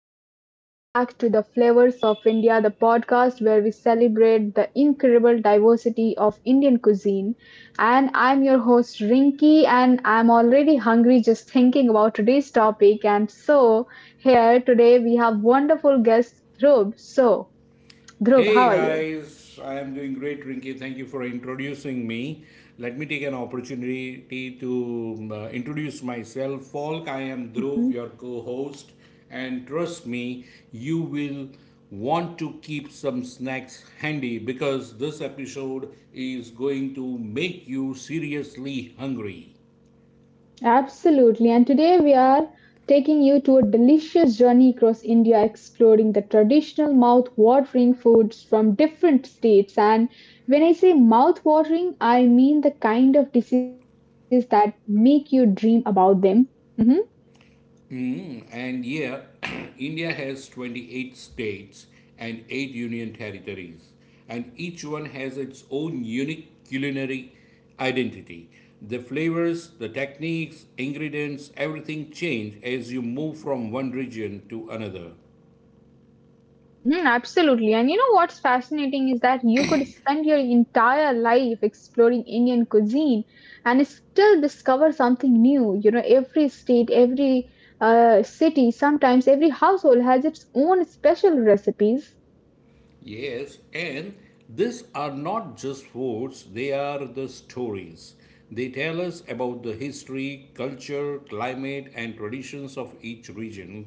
and welcome back to the Flavors of India, the podcast where we celebrate the incredible diversity of Indian cuisine. And I'm your host Rinki, and I'm already hungry just thinking about today's topic. And so, here today we have wonderful guest Dhrub. So, Dhrub, how Hey are you? guys, I am doing great, Rinky. Thank you for introducing me. Let me take an opportunity to introduce myself. Falk, I am Dhruv, your co host, and trust me, you will want to keep some snacks handy because this episode is going to make you seriously hungry. Absolutely. And today we are taking you to a delicious journey across India, exploring the traditional mouth-watering foods from different states. And when I say mouth-watering, I mean the kind of dishes that make you dream about them. Mhm. And yeah, India has 28 states and 8 union territories, and each one has its own unique culinary identity. The flavors, the techniques, ingredients, everything change as you move from one region to another. Mhm, absolutely. And you know what's fascinating is that you could spend your entire life exploring Indian cuisine and still discover something new. You know, every state, every city, sometimes every household has its own special recipes. Yes, and these are not just words, they are the stories. They tell us about the history, culture, climate, and traditions of each region.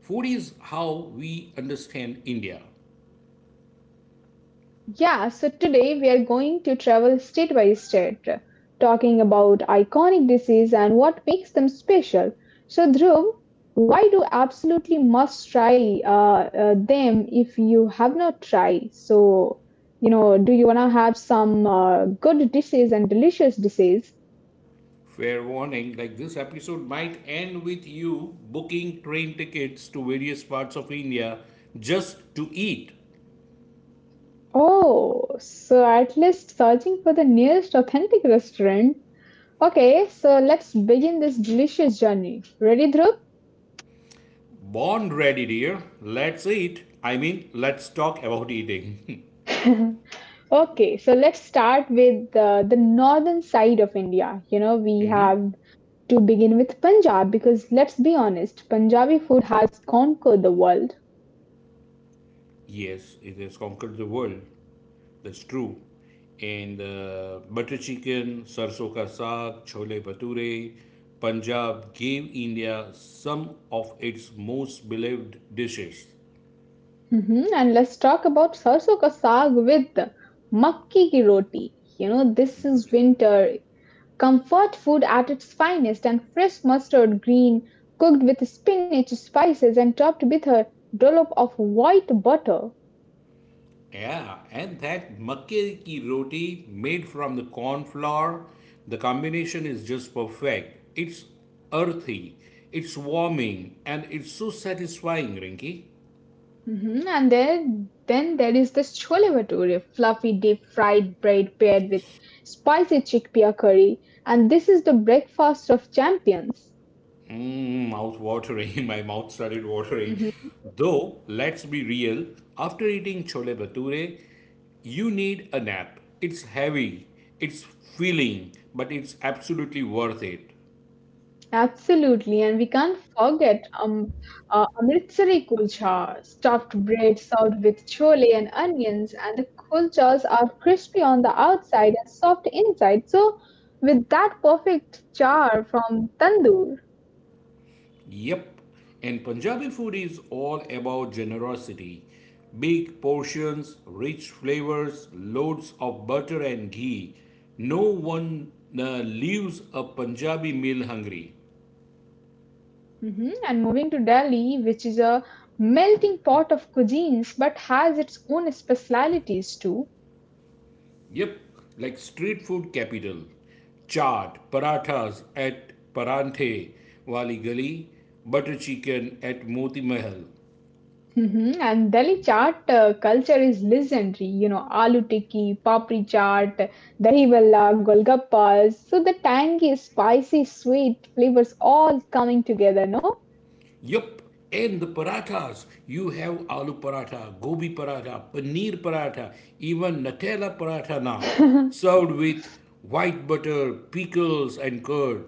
Food is how we understand India. Yeah, so today we are going to travel state by state, talking about iconic disease and what makes them special. So, Dhruv, why do absolutely must try them if you have not tried? So, you know, do you wanna have some good disease and delicious disease? Fair warning like this episode might end with you booking train tickets to various parts of India just to eat. Oh, so at least searching for the nearest authentic restaurant. Okay, so let's begin this delicious journey. Ready, Dhruv? Born ready, dear. Let's eat. I mean, let's talk about eating. Okay, so let's start with the northern side of India. You know, we have to begin with Punjab because let's be honest, Punjabi food has conquered the world. Yes, it has conquered the world. That's true. And butter chicken, sarson ka saag, chole bhature, Punjab gave India some of its most beloved dishes. Hmm. And let's talk about sarso ka saag with makki ki roti. You know, this is winter comfort food at its finest and fresh mustard green cooked with spinach, spices, and topped with a dollop of white butter. Yeah, and that makke ki roti made from the corn flour, the combination is just perfect. It's earthy, it's warming, and it's so satisfying, Rinki. Mhm. And there, then there is the chole bhature, fluffy deep fried bread paired with spicy chickpea curry. And this is the breakfast of champions. Mm, mouth watering. My mouth started watering. Mhm. Though, let's be real, after eating chole bhature, you need a nap. It's heavy, it's filling, but it's absolutely worth it. Absolutely. And we can't forget Amritsari kulcha, stuffed bread served with chole and onions. And the kulchas are crispy on the outside and soft inside. So, with that perfect char from tandoor. Yep. And Punjabi food is all about generosity. Big portions, rich flavors, loads of butter and ghee. No one leaves a Punjabi meal hungry. Mhm. And moving to Delhi, which is a melting pot of cuisines but has its own specialities too. Yep, like street food capital. Chaat, parathas at Paranthe Wali Gali, butter chicken at Moti Mahal. Mhm. And Delhi chaat culture is legendary. You know, aloo tikki, papri chaat, dahi valla, golgappas. So the tangy, spicy, sweet flavors all coming together, no? Yup, and the parathas. You have aloo paratha, gobi paratha, paneer paratha, even Nutella paratha now, served with white butter, pickles, and curd.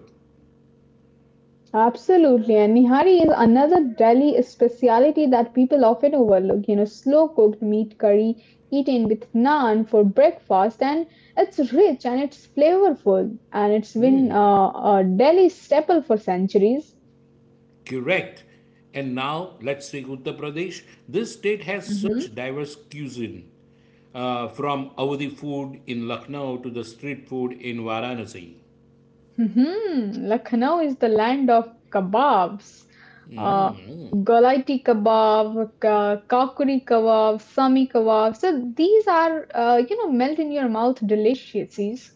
Absolutely. And Nihari is another Delhi speciality that people often overlook. You know, slow cooked meat curry eaten with naan for breakfast, and it's rich and it's flavorful, and it's been a Delhi staple for centuries. Correct. And now let's take Uttar Pradesh. This state has Hmm. such diverse cuisine, from Awadhi food in Lucknow to the street food in Varanasi. Hmm. Lucknow is the land of kebabs. Uh, Golaiti kebab, kakuri kebab, sami kebab. So these are, you know, melt in your mouth deliciousies.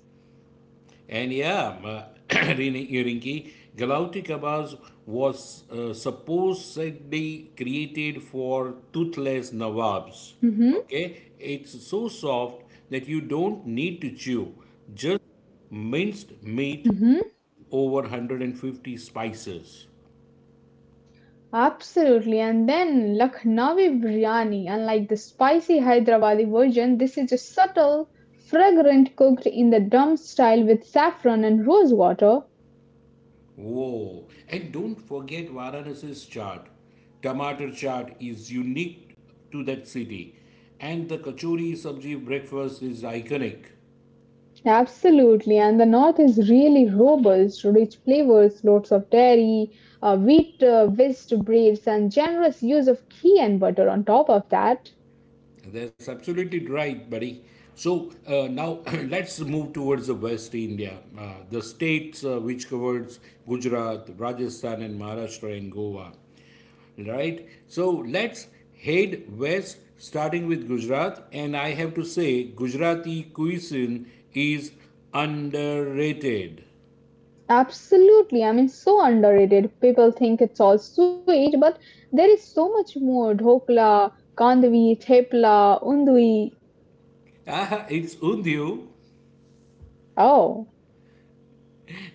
And yeah, Rinki, Galauti Kabaz was supposedly created for toothless Nawabs. Okay, it's so soft that you don't need to chew, just minced meat Hmm. over 150 spices. Absolutely. And then Lucknowi biryani, unlike the spicy Hyderabadi version, this is a subtle, fragrant cooked in the dum style with saffron and rose water. Oh, and don't forget Varanasi's chaat. Tomato chaat is unique to that city, and the kachori sabji breakfast is iconic. Absolutely. And the north is really robust, rich flavors, lots of dairy, wheat whisked breads, and generous use of ghee and butter on top of that. That's absolutely right, buddy. So now let's move towards the West India, the states which covers Gujarat, Rajasthan, and Maharashtra and Goa. Right? So let's head west, starting with Gujarat. And I have to say, Gujarati cuisine is underrated. Absolutely. I mean, so underrated. People think it's all sweet, but there is so much more. Dhokla, kandavi, thepla, undui. Ah, it's undhu. Oh,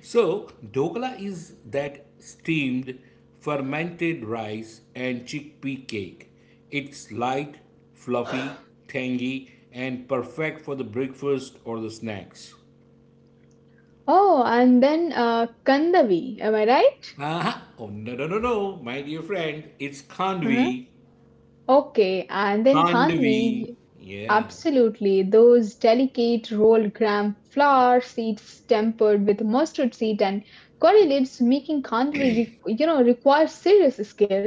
So, dhokla is that steamed, fermented rice and chickpea cake. It's light, fluffy, tangy, and perfect for the breakfast or the snacks. oh, and then kandavi. Am I right? Ah, oh no, no, no, no, my dear friend, it's Uh-huh. khandvi. Okay, and then Can't we? kandvi. Yeah. Absolutely. Those delicate rolled gram flour seeds tempered with mustard seed and curry leaves making kandvi, you know, requires serious skill.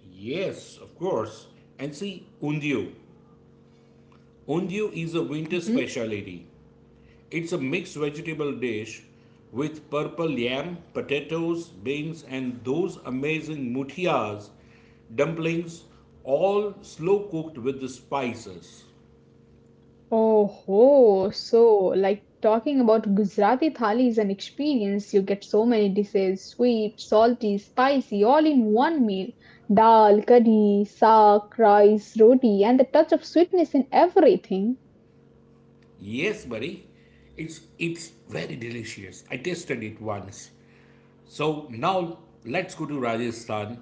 Yes, of course. And see, undiu. Undiu is a winter Mm-hmm. specialty. It's a mixed vegetable dish with purple yam, potatoes, beans, and those amazing mutiyas, dumplings, all slow cooked with the spices. Oh ho! So, like talking about Gujarati thali is an experience. You get so many dishes, sweet, salty, spicy, all in one meal. Dal, curry, saag, rice, roti, and the touch of sweetness in everything. Yes, buddy. It's very delicious. I tasted it once. So now let's go to Rajasthan.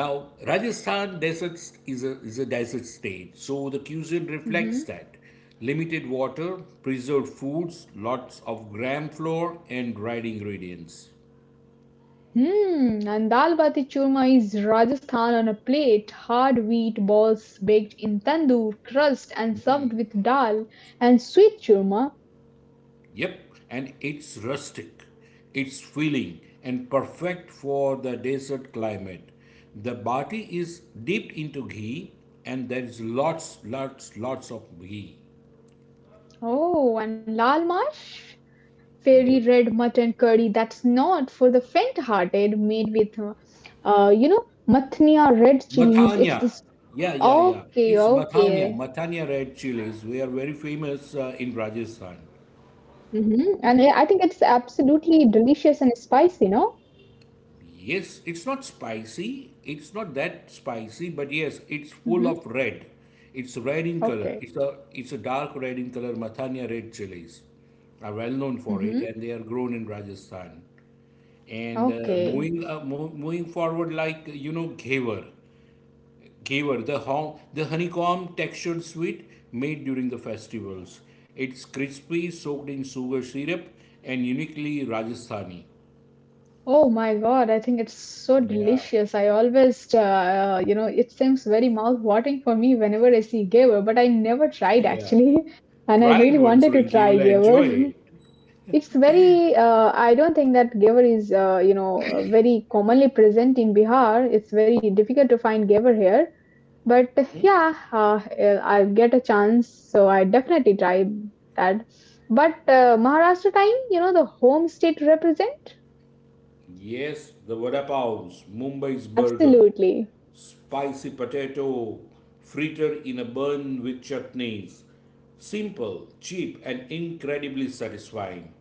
Now, Rajasthan desert is a desert state, so the cuisine reflects Hmm. that. Limited water, preserved foods, lots of gram flour and dried ingredients. Hmm. And dal bati churma is Rajasthan on a plate, hard wheat balls baked in tandoor, crust, and served with dal and sweet churma. Yep, and it's rustic, it's filling and perfect for the desert climate. The bati is dipped into ghee and there is lots, lots, lots of ghee. Oh, and lal mash? Fairy Yep. red mutton curry that's not for the faint hearted made with you know mathnia red chilies Matanya. it's. Yeah, yeah, yeah. Okay, It's Matanya. okay. Matanya red chilies. We are very famous in Rajasthan. Hmm, and I think it's absolutely delicious and spicy, you know. Yes, it's not spicy. It's not that spicy, but yes, it's full Hmm, of red. It's red in color. okay. It's a dark red in color. Matanya red chilies are well known for Hmm, it, and they are grown in Rajasthan. And okay. Moving forward, like you know, ghevar. Gaver, the honeycomb textured sweet made during the festivals. It's crispy, soaked in sugar syrup, and uniquely Rajasthani. Oh my god, I think it's so Yeah, delicious, I always you know, it seems very mouth watering for me whenever I see gaver, but I never tried yeah. actually. And I Try it really once, wanted to Rinki, you try will gaver. enjoy it. It's very, I don't think that Gevar is, you know, very commonly present in Bihar. It's very difficult to find Gevar here. But yeah, I get a chance, so I definitely try that. But Maharashtra time, you know, the home state represent? Yes, the vada paos, Mumbai's burger, Absolutely. spicy potato, fritter in a bun with chutneys. Simple, cheap, and incredibly satisfying.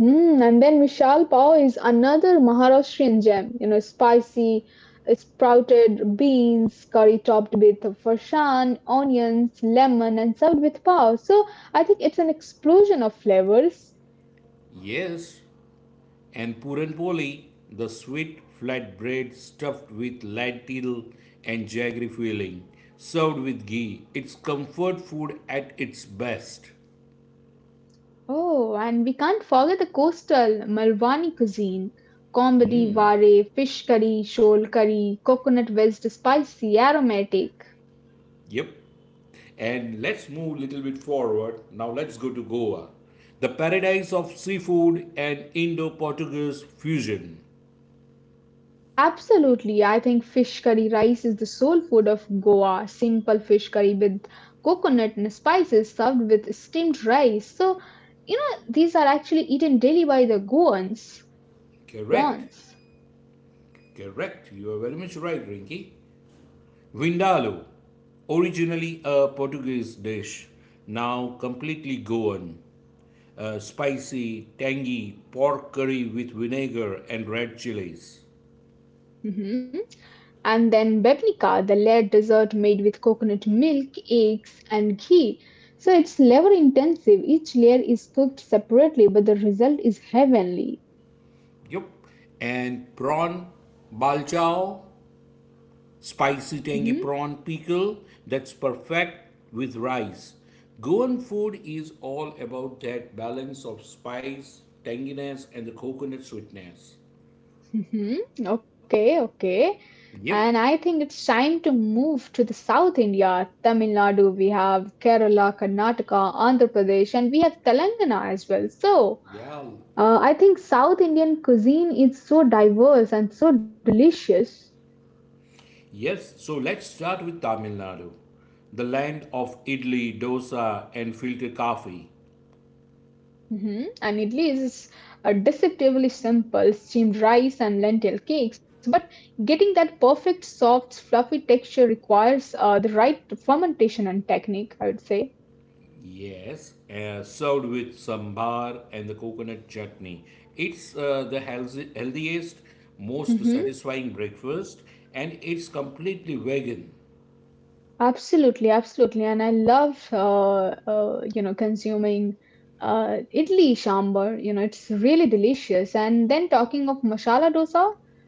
Hmm, and then Vishal Pav is another Maharashtrian gem, you know, spicy sprouted beans, curry topped with farshan, onions, lemon, and served with pav. So I think it's an explosion of flavors. Yes, and puranpoli, the sweet flatbread stuffed with lentil and jaggery filling, served with ghee. It's comfort food at its best. Oh, and we can't forget the coastal Malwani cuisine. Combadi, ware, fish curry, shoal curry, coconut vest, spicy, aromatic. Yep. And let's move a little bit forward. Now let's go to Goa, the paradise of seafood and Indo-Portuguese fusion. Absolutely. I think fish curry rice is the soul food of Goa. Simple fish curry with coconut and spices served with steamed rice. So, you know, these are actually eaten daily by the Goans. Correct. Goans. Correct. You are very much right, Rinki. Vindaloo, originally a Portuguese dish, now completely Goan. Spicy, tangy pork curry with vinegar and red chilies. Mhm. And then bebnica, the layered dessert made with coconut milk, eggs, and ghee. So it's labor intensive. Each layer is cooked separately, but the result is heavenly. Yep. And prawn balchao, spicy, tangy Mm-hmm. prawn pickle that's perfect with rice. Goan food is all about that balance of spice, tanginess, and the coconut sweetness. Hmm. Okay, okay. Yep. And I think it's time to move to the South India. Tamil Nadu, we have Kerala, Karnataka, Andhra Pradesh, and we have Telangana as well. So Yeah. I think South Indian cuisine is so diverse and so delicious. Yes. So let's start with Tamil Nadu, the land of idli, dosa, and filter coffee. Hmm. And idli is deceptively simple, steamed rice and lentil cakes. But getting that perfect, soft, fluffy texture requires the right fermentation and technique, I would say. Yes, served with sambar and the coconut chutney. It's the healthiest, most Mm-hmm. satisfying breakfast, and it's completely vegan. Absolutely, absolutely, and I love you know, consuming idli sambar. You know, it's really delicious. And then talking of masala dosa,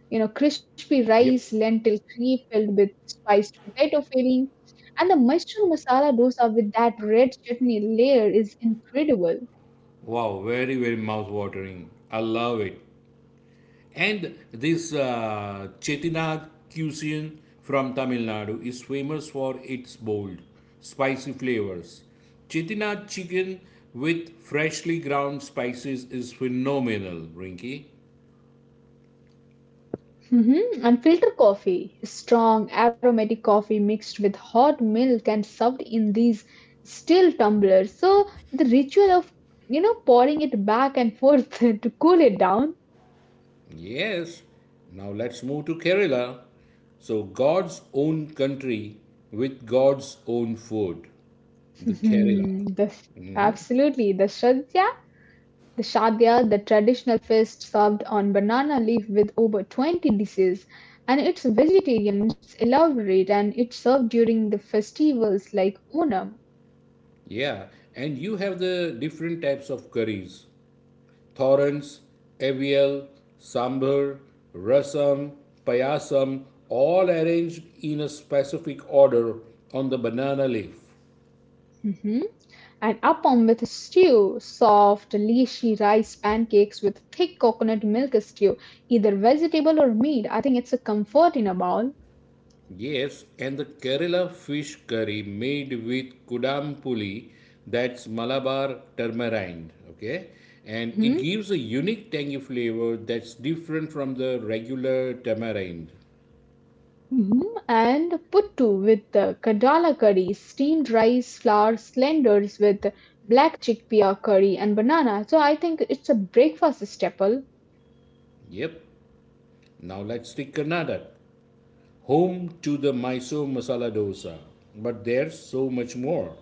you know, crispy rice, Yep. lentil cream filled with spiced potato filling, and the mushroom masala dosa with that red chutney layer is incredible. Wow, very, very mouth-watering. I love it. And this Chettinad cuisine from Tamil Nadu is famous for its bold, spicy flavors. Chettinad chicken with freshly ground spices is phenomenal, Rinky. Mhm. Unfiltered coffee, strong aromatic coffee mixed with hot milk and served in these steel tumblers. So the ritual of you know pouring it back and forth to cool it down. Yes, now let's move to Kerala. So, God's own country with God's own food. The Kerala. Mhm. The, absolutely, the shadya, the shadya, the traditional feast served on banana leaf with over 20 dishes, and it's vegetarian, it's elaborate, and it's served during the festivals like Onam. Yeah, and you have the different types of curries Thorans, Avial, Sambar, Rasam, Payasam, all arranged in a specific order on the banana leaf. Mhm. And appam with stew, soft, leashy rice pancakes with thick coconut milk stew, either vegetable or meat. I think it's a comfort in a bowl. Yes, and the Kerala fish curry made with kudampuli, that's Malabar tamarind, okay? And it Hmm. gives a unique tangy flavor that's different from the regular tamarind. Hmm. And puttu with the kadala curry, steamed rice, flour, slenders with black chickpea curry and banana. So I think it's a breakfast staple. Yep. Now let's take Karnataka, home to the Mysore masala dosa, but there's so much more.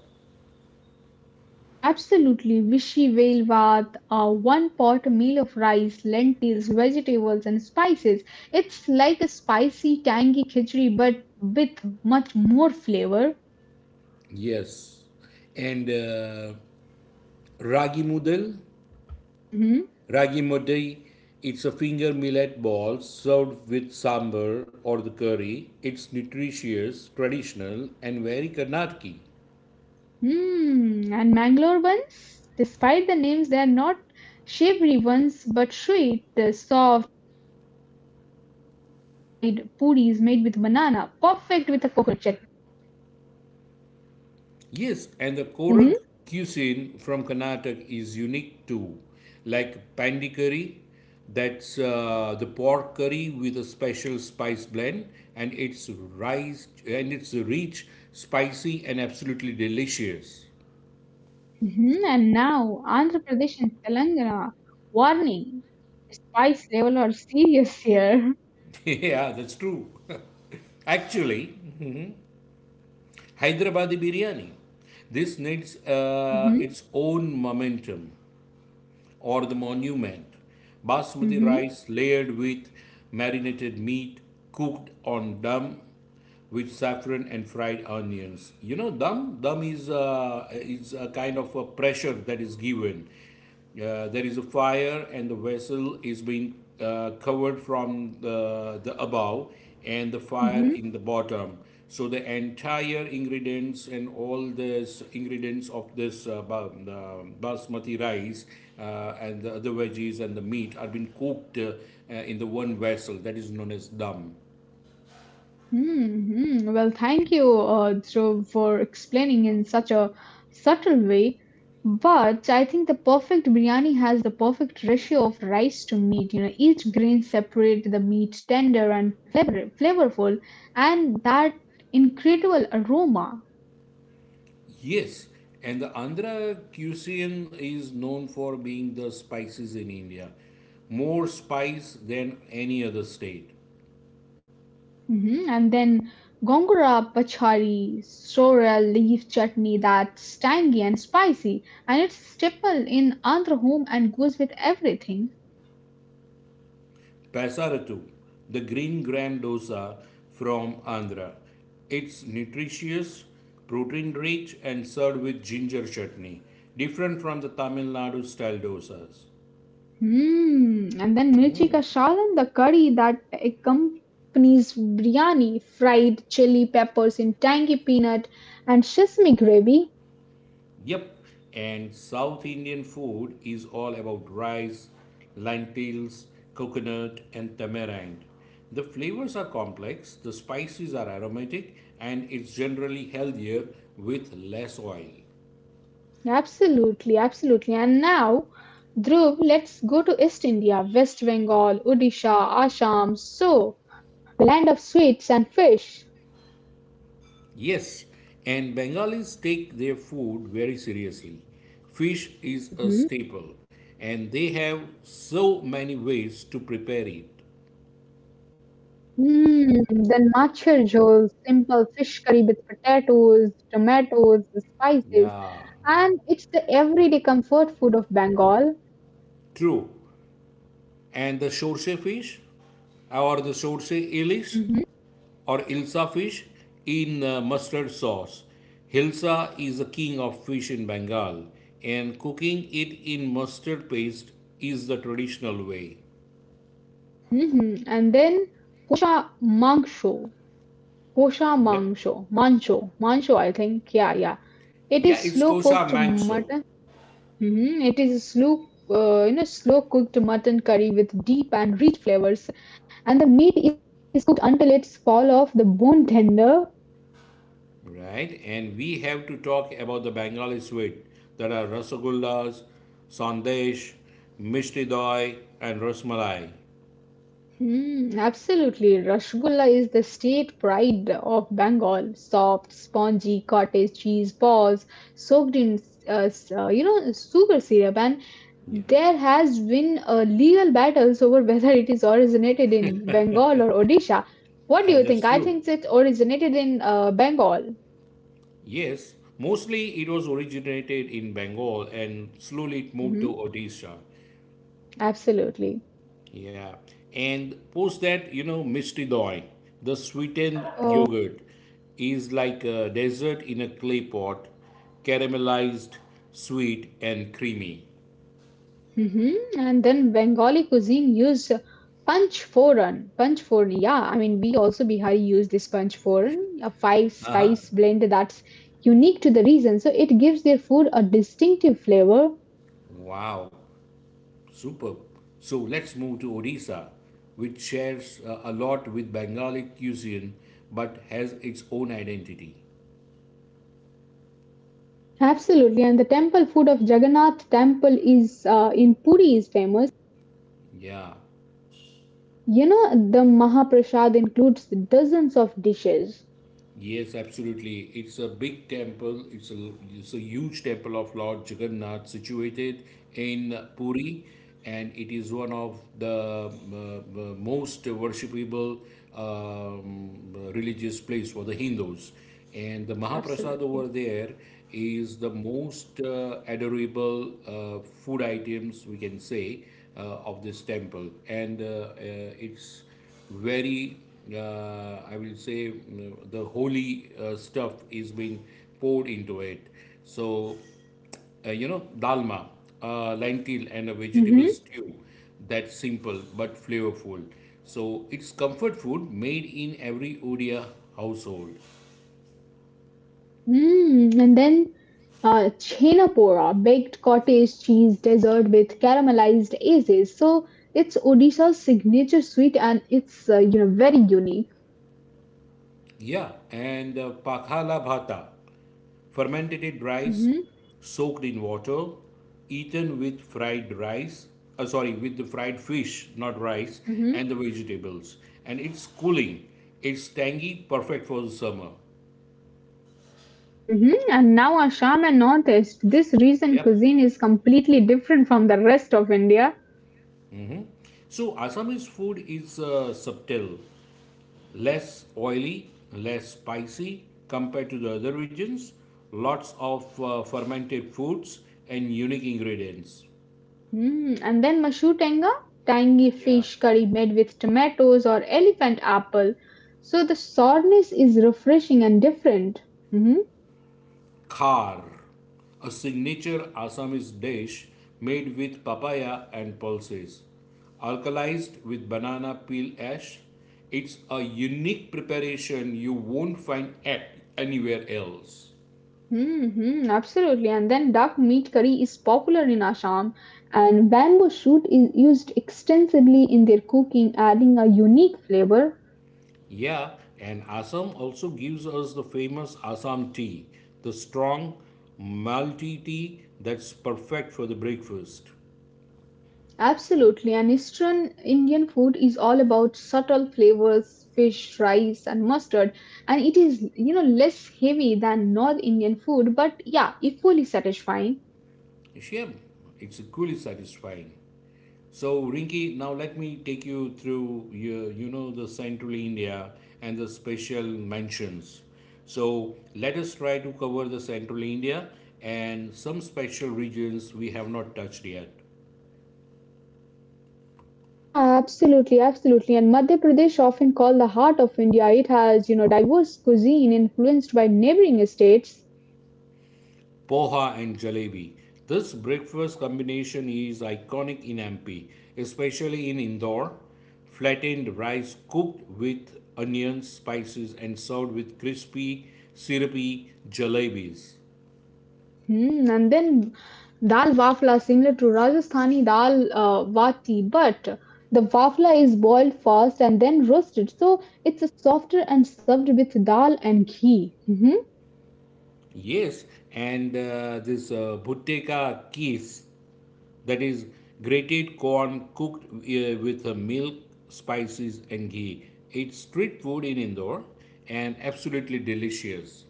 Absolutely, Vichy Vale Vaat, a one pot meal of rice, lentils, vegetables, and spices. It's like a spicy, tangy khichdi, but with much more flavor. Yes. And ragi mudal, Mhm. Ragi mundi, it's a finger millet ball served with sambar or the curry. It's nutritious, traditional, and very Karnataki. Hmm. Mm. And Mangalore buns, despite the names, they are not savory ones but sweet. The soft, deep fried puris made with banana, perfect with a coconut chutney. Yes, and the Hmm. Korag cuisine from Karnataka is unique too, like pandi curry. That's the pork curry with a special spice blend, and it's rice and it's rich, spicy, and absolutely delicious. Hmm. And now, Andhra Pradesh and Telangana. Warning! Spice level are serious here. Yeah, that's true. Actually, Hyderabadi biryani. This needs its own momentum or the monument. Basmati Mm-hmm, hmm. rice layered with marinated meat cooked on dum with saffron and fried onions. You know, dum? Dum is a kind of a pressure that is given. There is a fire and the vessel is being covered from the above and the fire in the bottom. So the entire ingredients and all this ingredients of this basmati rice and the other veggies and the meat are being cooked in the one vessel that is known as dum. Hmm, hmm. Well, thank you, Dhruv, for explaining in such a subtle way. But I think the perfect biryani has the perfect ratio of rice to meat. You know, each grain separate the meat tender and flavorful, and that incredible aroma. Yes, and the Andhra cuisine is known for being the spices in India. More spice than any other state. Mhm. And then gongura pachari, sorrel leaf chutney that's tangy and spicy, and it's staple in Andhra home and goes with everything. Pasaratu, the green gram dosa from Andhra. It's nutritious, protein rich, and served with ginger chutney, different from the Tamil Nadu style dosas. Hmm. And then mirchi ka salan, the curry that accompanies biryani, fried chili peppers in tangy peanut and sesame gravy. Yep, and South Indian food is all about rice, lentils, coconut, and tamarind. The flavors are complex, the spices are aromatic, and it's generally healthier with less oil. Absolutely, absolutely. And now, Dhruv, let's go to East India, West Bengal, Odisha, Assam. So. A land of sweets and fish. Yes, and Bengalis take their food very seriously. Fish is a Mhm. staple, and they have so many ways to prepare it. Mm, then matcha roll, simple fish curry with potatoes, tomatoes, spices, Yeah, and it's the everyday comfort food of Bengal. true. And the shorshe fish, or the shorshe ilish, Mhm. or ilsa fish in mustard sauce. Hilsa is the king of fish in Bengal, and cooking it in mustard paste is the traditional way. Mhm. And then kosha mangsho, kosha Yep. mangsho, mancho, mancho. I think, yeah, yeah. Yeah, It is it's slow kosher cooked mangso. mutton. Mhm. It is a slow, you know, slow cooked mutton curry with deep and rich flavors, and the meat is cooked until it's fall off the bone tender. Right, and we have to talk about the Bengali sweet. There are rasagullas, sandesh, mishti doi, and rasmalai. Mm, absolutely, rasgulla is the state pride of Bengal. Soft, spongy cottage cheese balls soaked in, you know, sugar syrup, and Yeah, there has been legal battles over whether it is originated in Bengal or Odisha. What and do you that's think? I true. think it originated in Bengal. Yes, mostly it was originated in Bengal and slowly it moved to Mm-hmm. Odisha. Absolutely. Yeah, and post that, you know, mishti doi, the sweetened Oh, yogurt, is like a dessert in a clay pot, caramelized, sweet, and creamy. mhm. And then Bengali cuisine used punch foran, punch foran. Yeah, I mean, we also Bihari use this punch foran, a five Uh huh. spice blend that's unique to the region. So it gives their food a distinctive flavor. Wow. Superb. So let's move to Odisha, which shares a lot with Bengali cuisine but has its own identity. Absolutely. And the temple food of Jagannath temple is in Puri is famous. Yeah. You know, the Mahaprasad includes dozens of dishes. Yes, absolutely. It's a big temple. It's a huge temple of Lord Jagannath situated in Puri, and it is one of the most worshipable religious place for the Hindus. And the Mahaprasad Absolutely. over there is the most adorable food items we can say uh, of this temple, and it's very I will say the holy stuff is being poured into it. So you know dalma, lentil and a vegetable Mm-hmm. stew that's simple but flavorful, so it's comfort food made in every odia household. Mm. And then Chhenapora, baked cottage cheese dessert with caramelized aces. So it's Odisha's signature sweet, and it's you know, very unique. Yeah, and pakhala bhata, fermented rice Hmm, soaked in water, eaten with fried rice, sorry, with the fried fish, not rice, hmm, and the vegetables. And it's cooling, it's tangy, perfect for the summer. hmm. And now Assam and Northeast, this region Yep. cuisine is completely different from the rest of India. So Assamese food is subtle, less oily, less spicy compared to the other regions. Lots of fermented foods and unique ingredients. Mm. And then Mashu Tenga, tangy Yeah. fish curry made with tomatoes or elephant apple. So the sourness is refreshing and different. Mm-hmm. Khar, a signature Assamese dish made with papaya and pulses. Alkalized with banana peel ash, it's a unique preparation you won't find anywhere else. Mm-hmm, absolutely. And then duck meat curry is popular in Assam, and bamboo shoot is used extensively in their cooking, adding a unique flavor. Yeah, and Assam also gives us the famous Assam tea, the strong malty tea that's perfect for the breakfast. Absolutely. And Eastern Indian food is all about subtle flavors, fish, rice, and mustard. And it is less heavy than North Indian food, but yeah, equally satisfying. Shem, it's equally satisfying. So, Rinki, now let me take you through the central India and the special mentions. So, let us try to cover the central India and some special regions we have not touched yet. Ah, absolutely, absolutely. And Madhya Pradesh, often called the heart of India, it has diverse cuisine influenced by neighboring states. Poha and jalebi. This breakfast combination is iconic in MP, especially in Indore. Flattened rice cooked with onions, spices, and served with crispy, syrupy jalebis. Hmm, and then dal wafla is similar to Rajasthani dal vati, but the wafla is boiled first and then roasted, so it's softer and served with dal and ghee. Hmm Yes, and this buteka kis, that is grated corn cooked with milk, spices, and ghee. It's street food in Indore and absolutely delicious.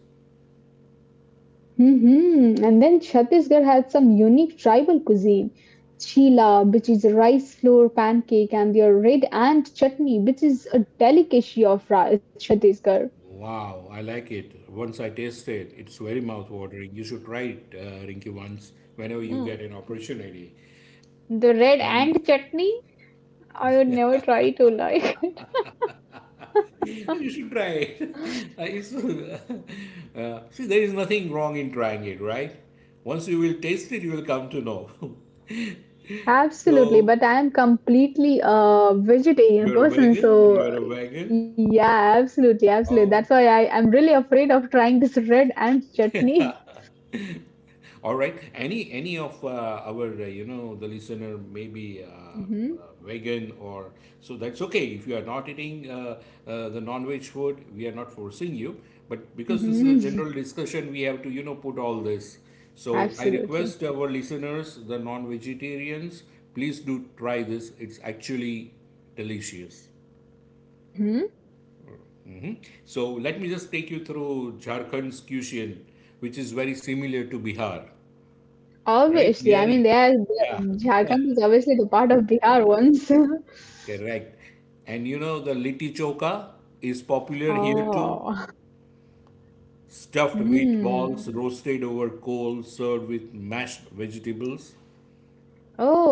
hmm And then Chhattisgarh has some unique tribal cuisine. Chila, which is a rice flour pancake, and their red ant chutney, which is a delicacy of Chhattisgarh. Wow, I like it. Once I tasted it, it's very mouth-watering. You should try it, Rinki, once whenever you Mm. get an opportunity. The red And and chutney, I would never try to like. you should try it. Uh, it's, see, there is nothing wrong in trying it, right? Once you will taste it, you will come to know. Absolutely, So, but I am completely a vegetarian you're a person, vegan? so You're a vegan? yeah, absolutely, absolutely. That's Oh, why I am really afraid of trying this red ant chutney. all right. Any of our the listener maybe. Hmm Vegan or so, that's okay. If you are not eating the non-veg food, we are not forcing you, but because this is a hmm general discussion, we have to put all this. So I Absolutely. request our listeners, the non-vegetarians, please do try this. It's actually delicious. Hmm So let me just take you through Jharkhand's cuisine, which is very similar to Bihar, right? Obviously, I mean, Bihari, they are, yeah. they Jharkhand is obviously the part of Bihar once. Correct. And the litti choka is popular here too. Oh. Stuffed wheat balls Hmm. roasted over coal, served with mashed vegetables. Oh,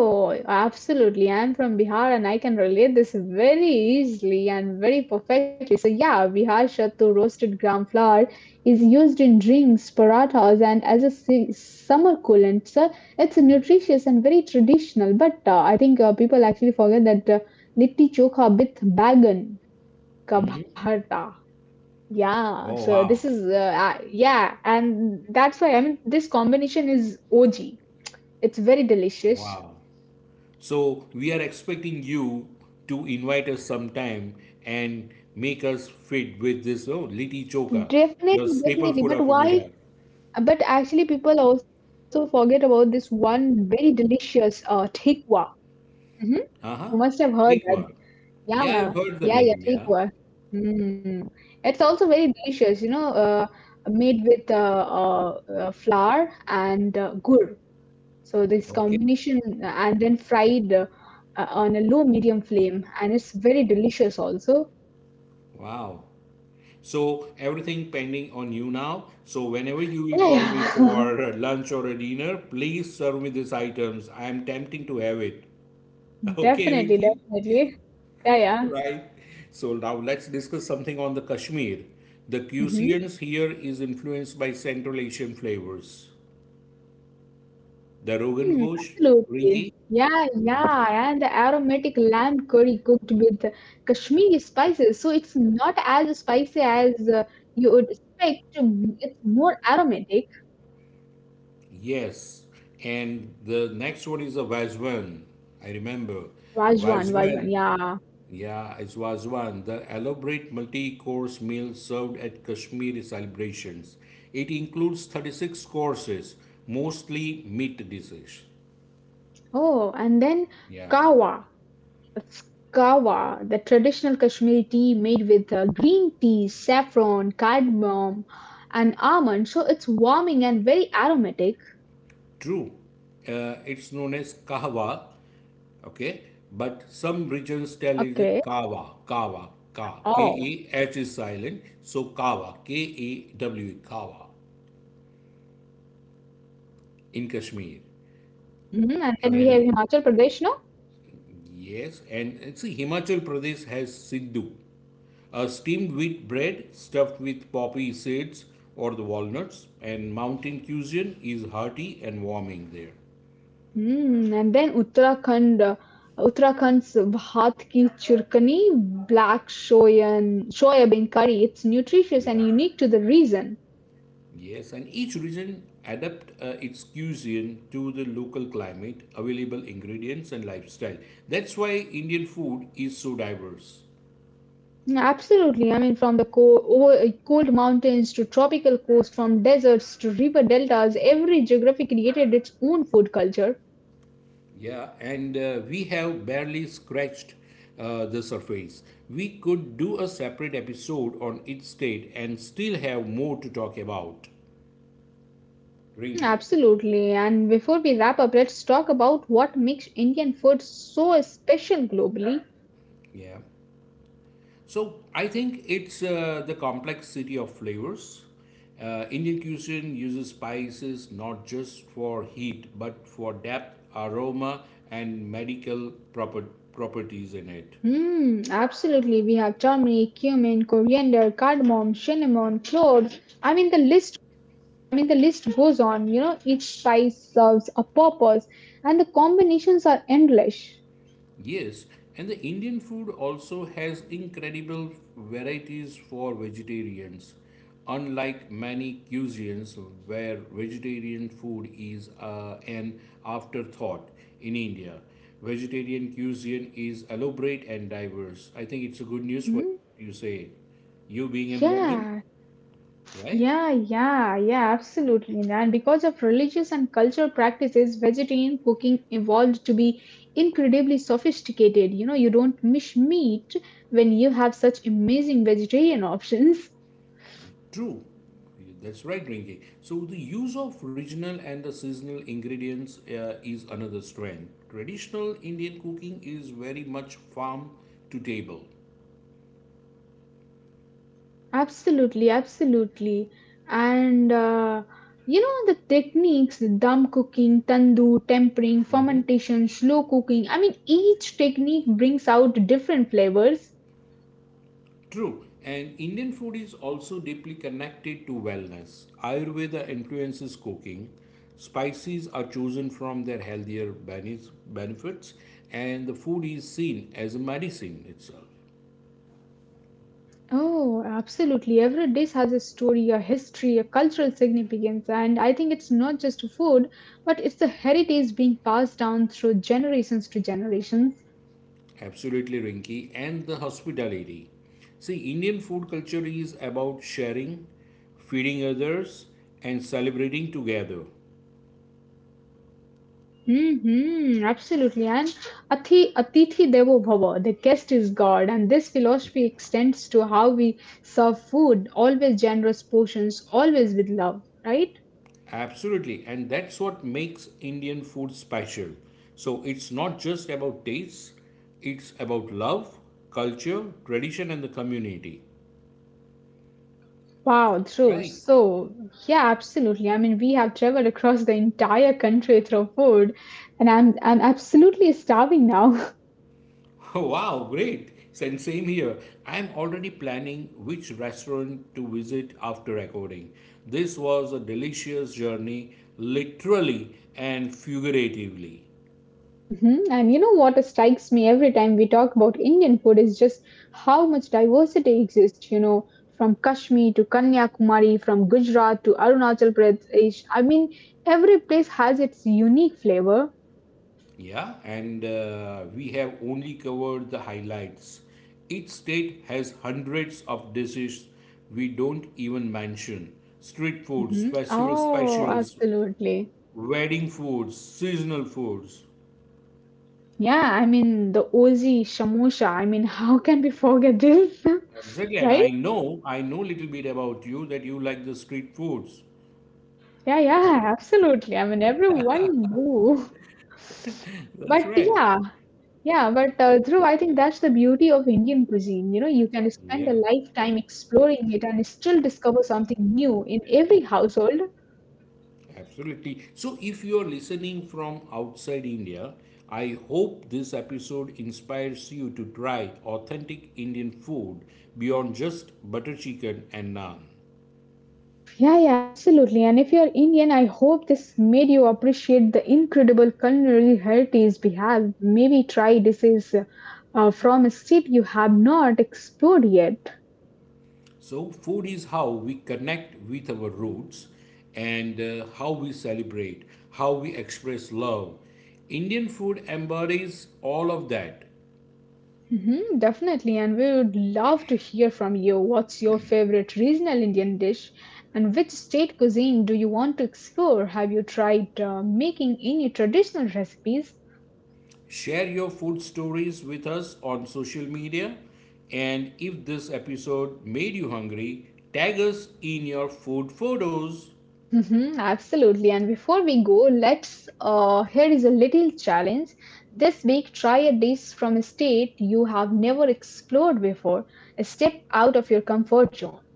absolutely. I'm from Bihar and I can relate this very easily and very perfectly. So, yeah, Bihar Shattu roasted gram flour is used in drinks, parathas, and as a summer coolant. So, it's nutritious and very traditional. But I think people actually forget that litti chokha with bagan ka bharta. Yeah, Oh, so this wow. is, yeah, and that's why I mean, this combination is OG. It's very delicious. Wow. So, we are expecting you to invite us sometime and make us fit with this, oh, litti choka, your Definitely, staple definitely. food But of why? Bihar. But actually, people also forget about this one very delicious tikwa. Hmm You Uh must huh. have heard that. Ekwa. Yeah, Yeah, I've heard yeah, the yeah, name. Yeah. tikwa. Mm. It's also very delicious, you know, made with flour and gur. So this Okay. combination, and then fried on a low medium flame, and it's very delicious also. Wow. So everything pending on you now. So whenever you will Yeah, call me yeah. for lunch or a dinner, please serve me these items. I am tempting to have it. Okay, Definitely, Rinki? definitely. Yeah, Right. So now let's discuss something on the Kashmir. The yeah. cuisines here is influenced by Central Asian flavors. The Rogan Mm, Ghosh, absolutely. Rinki? Yeah, Yeah. yeah, and the aromatic lamb curry cooked with Kashmiri spices. So it's not as spicy as you would expect. Mm, it's more aromatic. Yes. And the next one is a Vazwan. I remember. Vajwan, Vajwan, Vazwan. yeah. Yeah, it was one. The elaborate multi-course meal served at Kashmiri celebrations. It includes 36 courses, mostly meat dishes. Oh, and then Yeah, kawa. It's kawa, the traditional Kashmiri tea made with green tea, saffron, cardamom, and almond. So it's warming and very aromatic. true. It's known as kahwa, okay? But some regions tell it as Okay. kawa, kawa, ka, Oh, K-A-H is silent. So kawa, K-A-W, kawa in Kashmir. mhm. And then we And have Himachal Pradesh, no? yes, and see, Himachal Pradesh has Sidhu. A steamed wheat bread stuffed with poppy seeds or the walnuts, and mountain cuisine is hearty and warming there. Hmm, and then Uttarakhand, Uttarakhand's bhat ki churkani, black soya curry. It's nutritious Yeah. and unique to the region. Yes, and each region adapt its cuisine to the local climate, available ingredients and lifestyle. That's why Indian food is so diverse. Yeah, absolutely. I mean, from the cold mountains to tropical coast, from deserts to river deltas, every geography created its own food culture. Yeah, and we have barely scratched the surface. We could do a separate episode on each state and still have more to talk about. Mhm, Rinky. absolutely. And before we wrap up, let's talk about what makes Indian food so special globally. Yeah. So I think it's the complexity of flavors. Indian cuisine uses spices not just for heat but for depth, aroma, and medical properties in it. Mm, absolutely. We have turmeric, cumin, coriander, cardamom, cinnamon, cloves. I mean, the list goes on. You know, each spice serves a purpose, and the combinations are endless. Yes, and the Indian food also has incredible varieties for vegetarians. Unlike many cuisines where vegetarian food is an afterthought, in India, vegetarian cuisine is elaborate and diverse. I think it's a good news for Hmm you, say, you being a vegan, Yeah, right? Yeah, absolutely. And because of religious and cultural practices, vegetarian cooking evolved to be incredibly sophisticated. You know, you don't miss meat when you have such amazing vegetarian options. True, that's right, Rinki. So the use of regional and the seasonal ingredients is another strength. Traditional Indian cooking is very much farm to table. Absolutely, absolutely. And you know the techniques, dum cooking, tandoor, tempering, Mhm. fermentation, slow cooking. I mean, each technique brings out different flavors. True, and Indian food is also deeply connected to wellness. Ayurveda influences cooking. Spices are chosen from their healthier benefits, and the food is seen as a medicine itself. Oh, absolutely. Every dish has a story, a history, a cultural significance. And I think it's not just food, but it's the heritage being passed down through generations to generations. Absolutely, Rinky, and the hospitality. See, Indian food culture is about sharing, feeding others, and celebrating together. Hmm absolutely. And Ati, Atithi Devo Bhava, the guest is God. And this philosophy Yeah. extends to how we serve food, always generous portions, always with love, right? Absolutely, and that's what makes Indian food special. So, it's not just about taste, it's about love, culture, tradition, and the community. Wow, true. Right. So, yeah, absolutely. I mean, we have traveled across the entire country through food, and I'm absolutely starving now. Wow, great. Same here. I'm already planning which restaurant to visit after recording. This was a delicious journey, literally and figuratively. Mhm. And you know what strikes me every time we talk about Indian food is just how much diversity exists, you know, from Kashmir to Kanyakumari, from Gujarat to Arunachal Pradesh. I mean, every place has its unique flavor. Yeah, and we have only covered the highlights. Each state has hundreds of dishes we don't even mention: street foods, Mhm. festival Oh, specials, absolutely. wedding foods, seasonal foods. Yeah, I mean, the Ozi Shamusha. I mean, how can we forget this, Exactly, and right? I know little bit about you, that you like the street foods. Yeah, yeah, absolutely. I mean, everyone do. That's But right. yeah. Yeah, but Dhruv, I think that's the beauty of Indian cuisine. You know, you can spend a Yeah, lifetime exploring it and still discover something new in every household. absolutely. So, if you're listening from outside India, I hope this episode inspires you to try authentic Indian food beyond just butter chicken and naan. Yeah, yeah, absolutely. And if you're Indian, I hope this made you appreciate the incredible culinary heritage we have. Maybe try dishes from a state you have not explored yet. So, food is how we connect with our roots, and how we celebrate, how we express love. Indian food embodies all of that. Mhm, definitely, and we would love to hear from you. What's your favorite regional Indian dish, and which state cuisine do you want to explore? Have you tried making any traditional recipes? Share your food stories with us on social media. And if this episode made you hungry, tag us in your food photos. Mhm, absolutely, and before we go, let's here is a little challenge. This week, try a dish from a state you have never explored before. Step out of your comfort zone.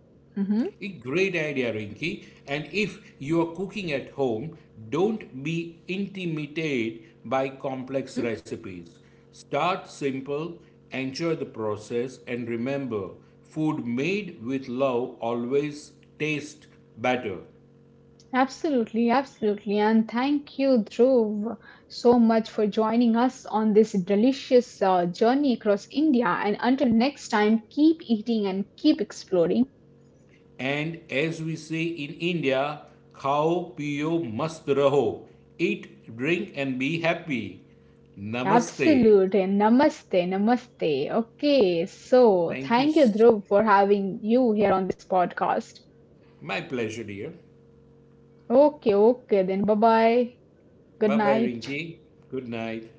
Mhm, A great idea, Rinki. And if you are cooking at home, don't be intimidated by complex mhm. recipes. Start simple, enjoy the process, and remember, food made with love always tastes better. Absolutely, absolutely. And thank you, Dhruv, so much for joining us on this delicious journey across India. And until next time, keep eating and keep exploring. And as we say in India, khao piyo mast raho. Eat, drink, and be happy. Namaste. Absolutely. Namaste, namaste. Okay, so Thank you. thank you, Dhruv, for having you here on this podcast. My pleasure, dear. Okay, okay, then bye bye. Good Bye bye, night. Rinki. Good night.